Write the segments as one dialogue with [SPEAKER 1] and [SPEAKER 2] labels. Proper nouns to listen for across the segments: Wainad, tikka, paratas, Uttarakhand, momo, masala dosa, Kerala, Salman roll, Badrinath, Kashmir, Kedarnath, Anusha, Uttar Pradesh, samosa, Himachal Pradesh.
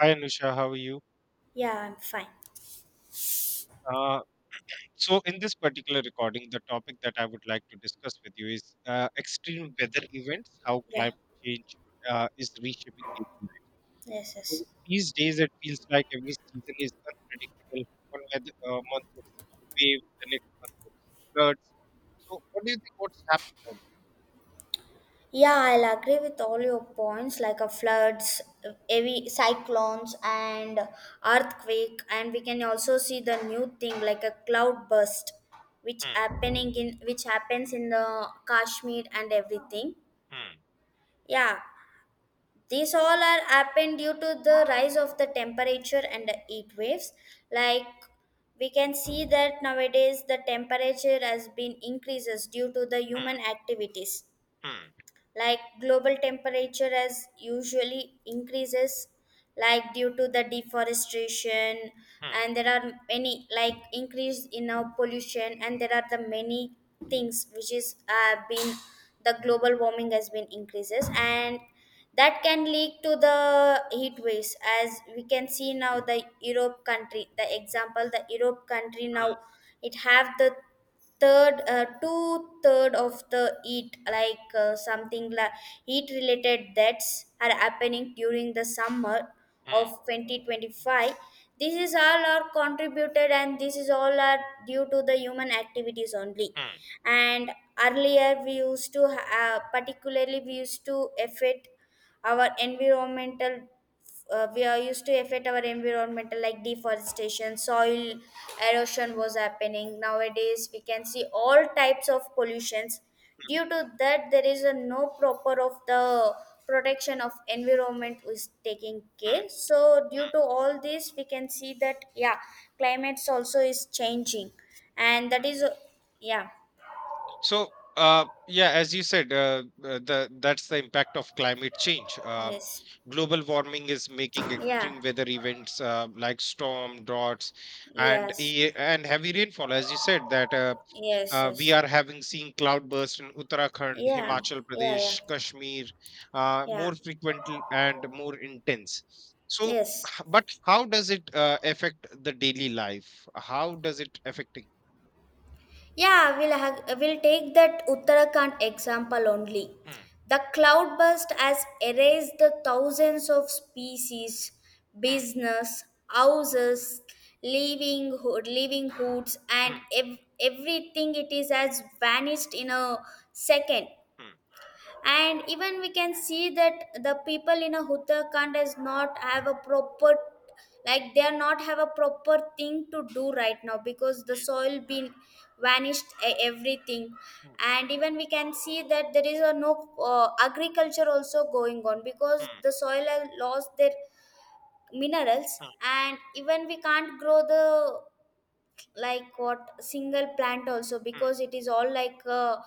[SPEAKER 1] Hi, Anusha, how are you?
[SPEAKER 2] Yeah, I'm fine.
[SPEAKER 1] Uh, so, in this particular recording, the topic that I would like to discuss with you is extreme weather events, how
[SPEAKER 2] Yeah,
[SPEAKER 1] climate change is reshaping daily life.
[SPEAKER 2] yes, yes.
[SPEAKER 1] So, these days, it feels like every season is unpredictable. One month it's heat wave, the next month it's floods. So, what do you think? What's happening out
[SPEAKER 2] Yeah, I'll agree with all your points like a floods, heavy cyclones, and earthquake. And we can also see the new thing like a cloud burst, which
[SPEAKER 1] there?
[SPEAKER 2] happening in which happens in the Kashmir and everything.
[SPEAKER 1] Mm, mm,
[SPEAKER 2] Yeah, these all are happened due to the rise of the temperature and the heat waves like we can see that nowadays the temperature has been increases due to the human
[SPEAKER 1] mm,
[SPEAKER 2] activities
[SPEAKER 1] mm,
[SPEAKER 2] like global temperature as usually increases like due to the deforestation.
[SPEAKER 1] mm,
[SPEAKER 2] And there are many like increase in our pollution and there are the many things which is been the global warming has been increases and that can lead to the heat waves as we can see now the Europe country, the example, the Europe country
[SPEAKER 1] mm,
[SPEAKER 2] now it have the third two third of the heat like something like heat related deaths are happening during the summer
[SPEAKER 1] mm,
[SPEAKER 2] of
[SPEAKER 1] mm,
[SPEAKER 2] 2025. This is all are contributed and this is all are due to the human activities only.
[SPEAKER 1] mm,
[SPEAKER 2] And earlier we used to particularly our environmental we are used to affect our environmental like deforestation, soil erosion was happening. Nowadays we can see all types of pollutions,
[SPEAKER 1] mm,
[SPEAKER 2] due to that there is a no proper of the protection of environment is taking
[SPEAKER 1] mm.
[SPEAKER 2] care. So due to all this we can see that yeah climates also is changing, and that is, yeah.
[SPEAKER 1] So, yeah, as you said, the that's the impact of climate change.
[SPEAKER 2] Yes.
[SPEAKER 1] Global warming is making
[SPEAKER 2] Yeah.
[SPEAKER 1] extreme weather events like storm, droughts, and
[SPEAKER 2] Yes,
[SPEAKER 1] e- and heavy rainfall. As you said, that
[SPEAKER 2] yes,
[SPEAKER 1] we
[SPEAKER 2] yes.
[SPEAKER 1] are having seen cloudburst in Uttarakhand,
[SPEAKER 2] Yeah,
[SPEAKER 1] Himachal
[SPEAKER 2] yeah, yeah,
[SPEAKER 1] Pradesh, Kashmir,
[SPEAKER 2] yeah.
[SPEAKER 1] more frequent and more intense. So,
[SPEAKER 2] Yes.
[SPEAKER 1] but how does it affect the daily life? How does it affecting?
[SPEAKER 2] Yeah, we'll take that Uttarakhand example only.
[SPEAKER 1] Hmm,
[SPEAKER 2] The cloud burst has erased the thousands of species,
[SPEAKER 1] hmm,
[SPEAKER 2] business, houses, living hoods, and
[SPEAKER 1] hmm,
[SPEAKER 2] everything. It is has vanished in a second.
[SPEAKER 1] hmm,
[SPEAKER 2] And even we can see that the people in a Uttarakhand does not have a proper, like they are not have a proper thing to do right now because the soil been vanished, everything.
[SPEAKER 1] hmm,
[SPEAKER 2] And even we can see that there is a no agriculture also going on because
[SPEAKER 1] hmm.
[SPEAKER 2] the soil has lost their minerals.
[SPEAKER 1] Mm,
[SPEAKER 2] And even we can't grow the like what single plant also
[SPEAKER 1] mm,
[SPEAKER 2] because it is all like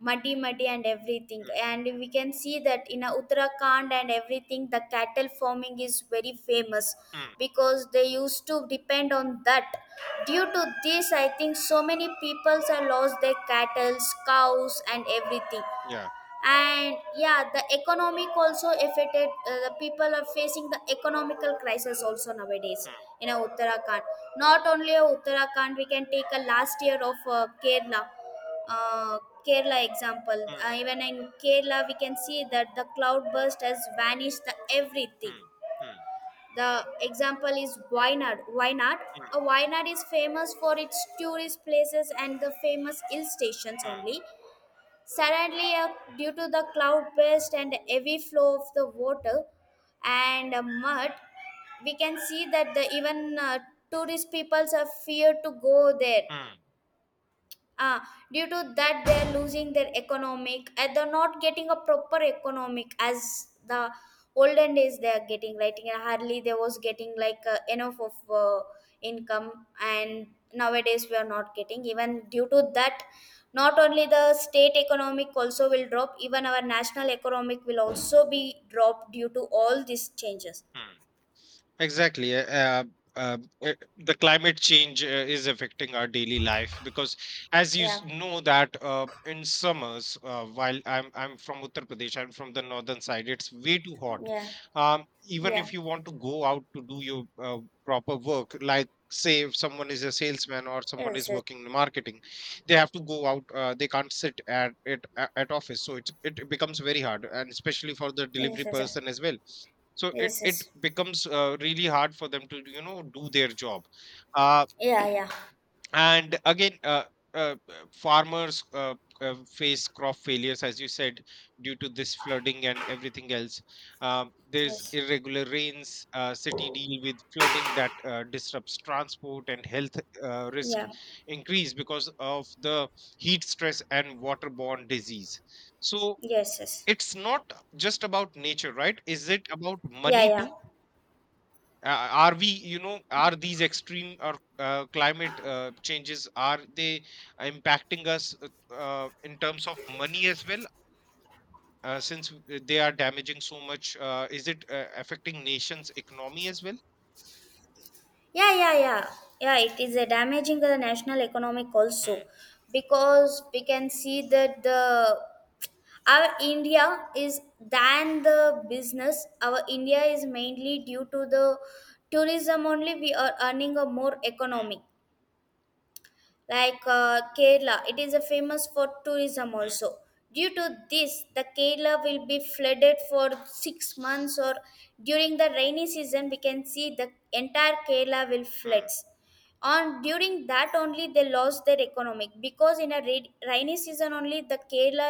[SPEAKER 2] muddy muddy and everything.
[SPEAKER 1] mm,
[SPEAKER 2] And we can see that in Uttarakhand and everything the cattle farming is very famous
[SPEAKER 1] mm.
[SPEAKER 2] because they used to depend on that. Due to this I think so many peoples have lost their cattle, cows, and everything.
[SPEAKER 1] Yeah.
[SPEAKER 2] And yeah the economic also affected, the people are facing the economical crisis also nowadays
[SPEAKER 1] Mm,
[SPEAKER 2] in Uttarakhand. Not only Uttarakhand, we can take a last year of uh, Kerala example.
[SPEAKER 1] mm,
[SPEAKER 2] Even in Kerala we can see that the cloud burst has vanished the everything.
[SPEAKER 1] mm, mm,
[SPEAKER 2] The example is Wainad.
[SPEAKER 1] mm,
[SPEAKER 2] Wainad is famous for its tourist places and the famous hill stations
[SPEAKER 1] mm,
[SPEAKER 2] only. Suddenly, due to the cloud burst and heavy flow of the water and mud, we can see that the even tourist peoples are feared to go there.
[SPEAKER 1] mm,
[SPEAKER 2] uh, Due to that they are losing their economic and they're not getting a proper economic as the olden days they are getting right, and hardly they was getting like enough of income. And nowadays we are not getting even due to that. Not only the state economic also will drop, even our national economic will also be dropped due to all these changes.
[SPEAKER 1] mm. Exactly. Uh, the Climate change is affecting our daily life because, as you
[SPEAKER 2] Yeah,
[SPEAKER 1] s- know, that in summers, while I'm from Uttar Pradesh, I'm from the northern side. It's way too hot.
[SPEAKER 2] yeah,
[SPEAKER 1] Even
[SPEAKER 2] yeah.
[SPEAKER 1] if you want to go out to do your proper work, like say if someone is a salesman or someone
[SPEAKER 2] Yes,
[SPEAKER 1] is
[SPEAKER 2] yes,
[SPEAKER 1] working in marketing, they have to go out. They can't sit at office, so it becomes very hard, and especially for the
[SPEAKER 2] yes,
[SPEAKER 1] delivery
[SPEAKER 2] yes. Yes,
[SPEAKER 1] person as well, so it,
[SPEAKER 2] yes.
[SPEAKER 1] it
[SPEAKER 2] Yes.
[SPEAKER 1] becomes really hard for them to do their job. uh,
[SPEAKER 2] Yeah, yeah,
[SPEAKER 1] and again, farmers face crop failures, as you said, due to this flooding and everything else. There's
[SPEAKER 2] yes.
[SPEAKER 1] irregular rains, city deal with flooding that disrupts transport, and health risk
[SPEAKER 2] Yeah.
[SPEAKER 1] increase because of the heat stress and waterborne disease. So
[SPEAKER 2] Yes, yes.
[SPEAKER 1] it's not just about nature, right? Is it about
[SPEAKER 2] Yeah,
[SPEAKER 1] money
[SPEAKER 2] yeah.
[SPEAKER 1] too? Are we, are these extreme or climate changes, are they impacting us in terms of money as well? Since they are damaging so much, is it affecting nations economy as well?
[SPEAKER 2] Yeah, yeah, yeah. Yeah, it is damaging the national economic also
[SPEAKER 1] Hmm,
[SPEAKER 2] because we can see that the our India is than the business. Our India is mainly due to the tourism only we are earning a more
[SPEAKER 1] hmm,
[SPEAKER 2] economic like Kerala, it is a famous for tourism
[SPEAKER 1] hmm,
[SPEAKER 2] also. Due to this the Kerala will be flooded for 6 months or during the rainy season we can see the entire Kerala will
[SPEAKER 1] hmm,
[SPEAKER 2] floods on. During that only they lost their economic because in a rainy season only the Kerala,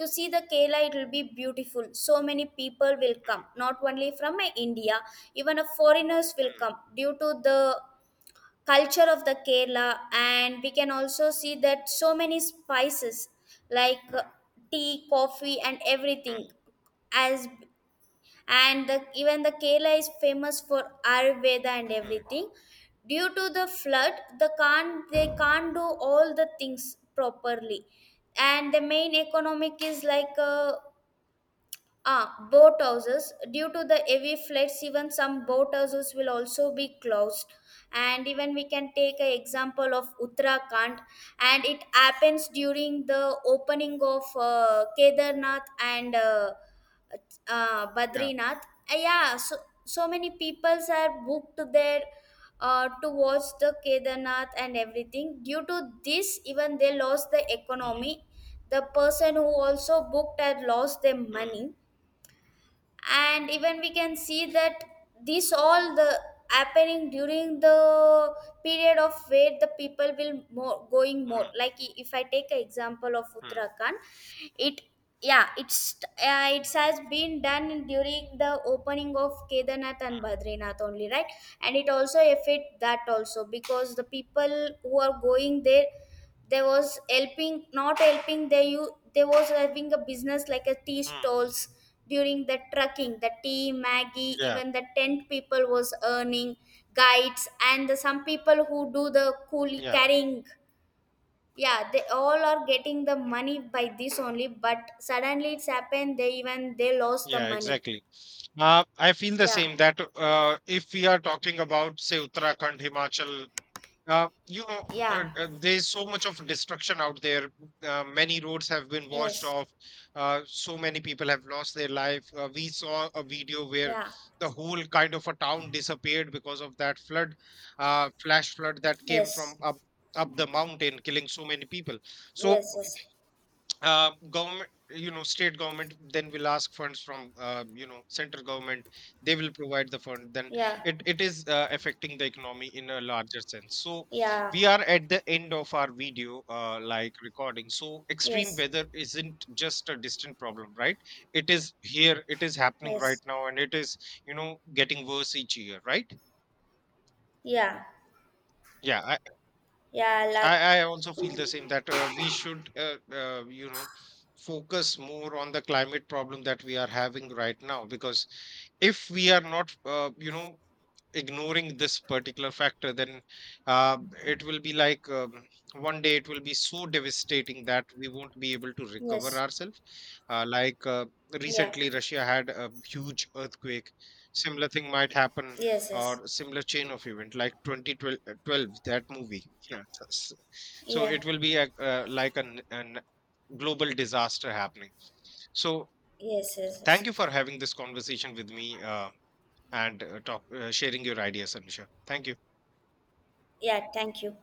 [SPEAKER 2] to see the Kerala it will be beautiful, so many people will come
[SPEAKER 1] hmm,
[SPEAKER 2] not only from India, even a foreigners will
[SPEAKER 1] hmm,
[SPEAKER 2] come due to the culture of the Kerala. And we can also see that so many spices like tea, coffee, and everything
[SPEAKER 1] hmm,
[SPEAKER 2] as. And even the Kerala is famous for ayurveda and
[SPEAKER 1] hmm,
[SPEAKER 2] everything. Due to the flood they can't do all the things properly. And the main economic is like ah, boat houses. Due to the heavy floods, even some boat houses will also be closed. And even we can take an example of Uttarakhand, and it happens during the opening of Kedarnath and
[SPEAKER 1] yeah
[SPEAKER 2] Badrinath. Yeah, so many peoples are booked there to watch the Kedarnath and everything. Due to this, even they lost the
[SPEAKER 1] hmm,
[SPEAKER 2] economy. The person who also booked had lost their
[SPEAKER 1] hmm,
[SPEAKER 2] money. And even we can see that this all the happening during the period of where the people will more going more
[SPEAKER 1] hmm,
[SPEAKER 2] like if I take an example of
[SPEAKER 1] hmm,
[SPEAKER 2] Uttarakhand. It yeah it's uh, it has been done during the opening of Kedarnath and
[SPEAKER 1] hmm,
[SPEAKER 2] Badrinath only, right? And it also affect that also because the people who are going there there was helping, not helping. They was having a business like a tea
[SPEAKER 1] hmm.
[SPEAKER 2] stalls during the trucking. The tea, Maggie,
[SPEAKER 1] yeah
[SPEAKER 2] even the tent people was earning guides, and some people who do the coolie
[SPEAKER 1] yeah
[SPEAKER 2] carrying yeah they all are getting the money by this only. But suddenly it's happened they even they lost the
[SPEAKER 1] yeah
[SPEAKER 2] money.
[SPEAKER 1] exactly. I feel the
[SPEAKER 2] Yeah,
[SPEAKER 1] same that if we are talking about, say, Uttarakhand, Himachal,
[SPEAKER 2] yeah,
[SPEAKER 1] there's so much of destruction out there. Many roads have been washed
[SPEAKER 2] yes.
[SPEAKER 1] off. So many people have lost their life. We saw a video where
[SPEAKER 2] Yeah,
[SPEAKER 1] the whole kind of a town disappeared because of that flood, flash flood that came from
[SPEAKER 2] yes,
[SPEAKER 1] up the mountain, killing so many people. So
[SPEAKER 2] yes, yes.
[SPEAKER 1] government, state government then will ask funds from, central government, they will provide the fund. Then
[SPEAKER 2] Yeah,
[SPEAKER 1] it is affecting the economy in a larger sense. So
[SPEAKER 2] yeah,
[SPEAKER 1] we are at the end of our video, like recording. So extreme
[SPEAKER 2] yes,
[SPEAKER 1] weather isn't just a distant problem, right? It is here, it is happening right
[SPEAKER 2] yes.
[SPEAKER 1] now, and it is, getting worse each year, right?
[SPEAKER 2] Yeah.
[SPEAKER 1] Yeah.
[SPEAKER 2] Yeah, like
[SPEAKER 1] I also feel the same that we should, focus more on the climate problem that we are having right now. Because if we are not, ignoring this particular factor, then uh, it will be like one day it will be so devastating that we won't be able to recover
[SPEAKER 2] yes,
[SPEAKER 1] ourselves. Uh, like
[SPEAKER 2] yeah,
[SPEAKER 1] recently russia had a huge earthquake. Similar thing might happen,
[SPEAKER 2] yes, yes,
[SPEAKER 1] or similar chain of event like 2012, 12, that movie. So
[SPEAKER 2] yeah,
[SPEAKER 1] it will be a, like an global disaster happening. So
[SPEAKER 2] yes, yes,
[SPEAKER 1] thank you
[SPEAKER 2] yes.
[SPEAKER 1] for having this conversation with me, and sharing your ideas, Alisha. Thank you.
[SPEAKER 2] Yeah, thank you.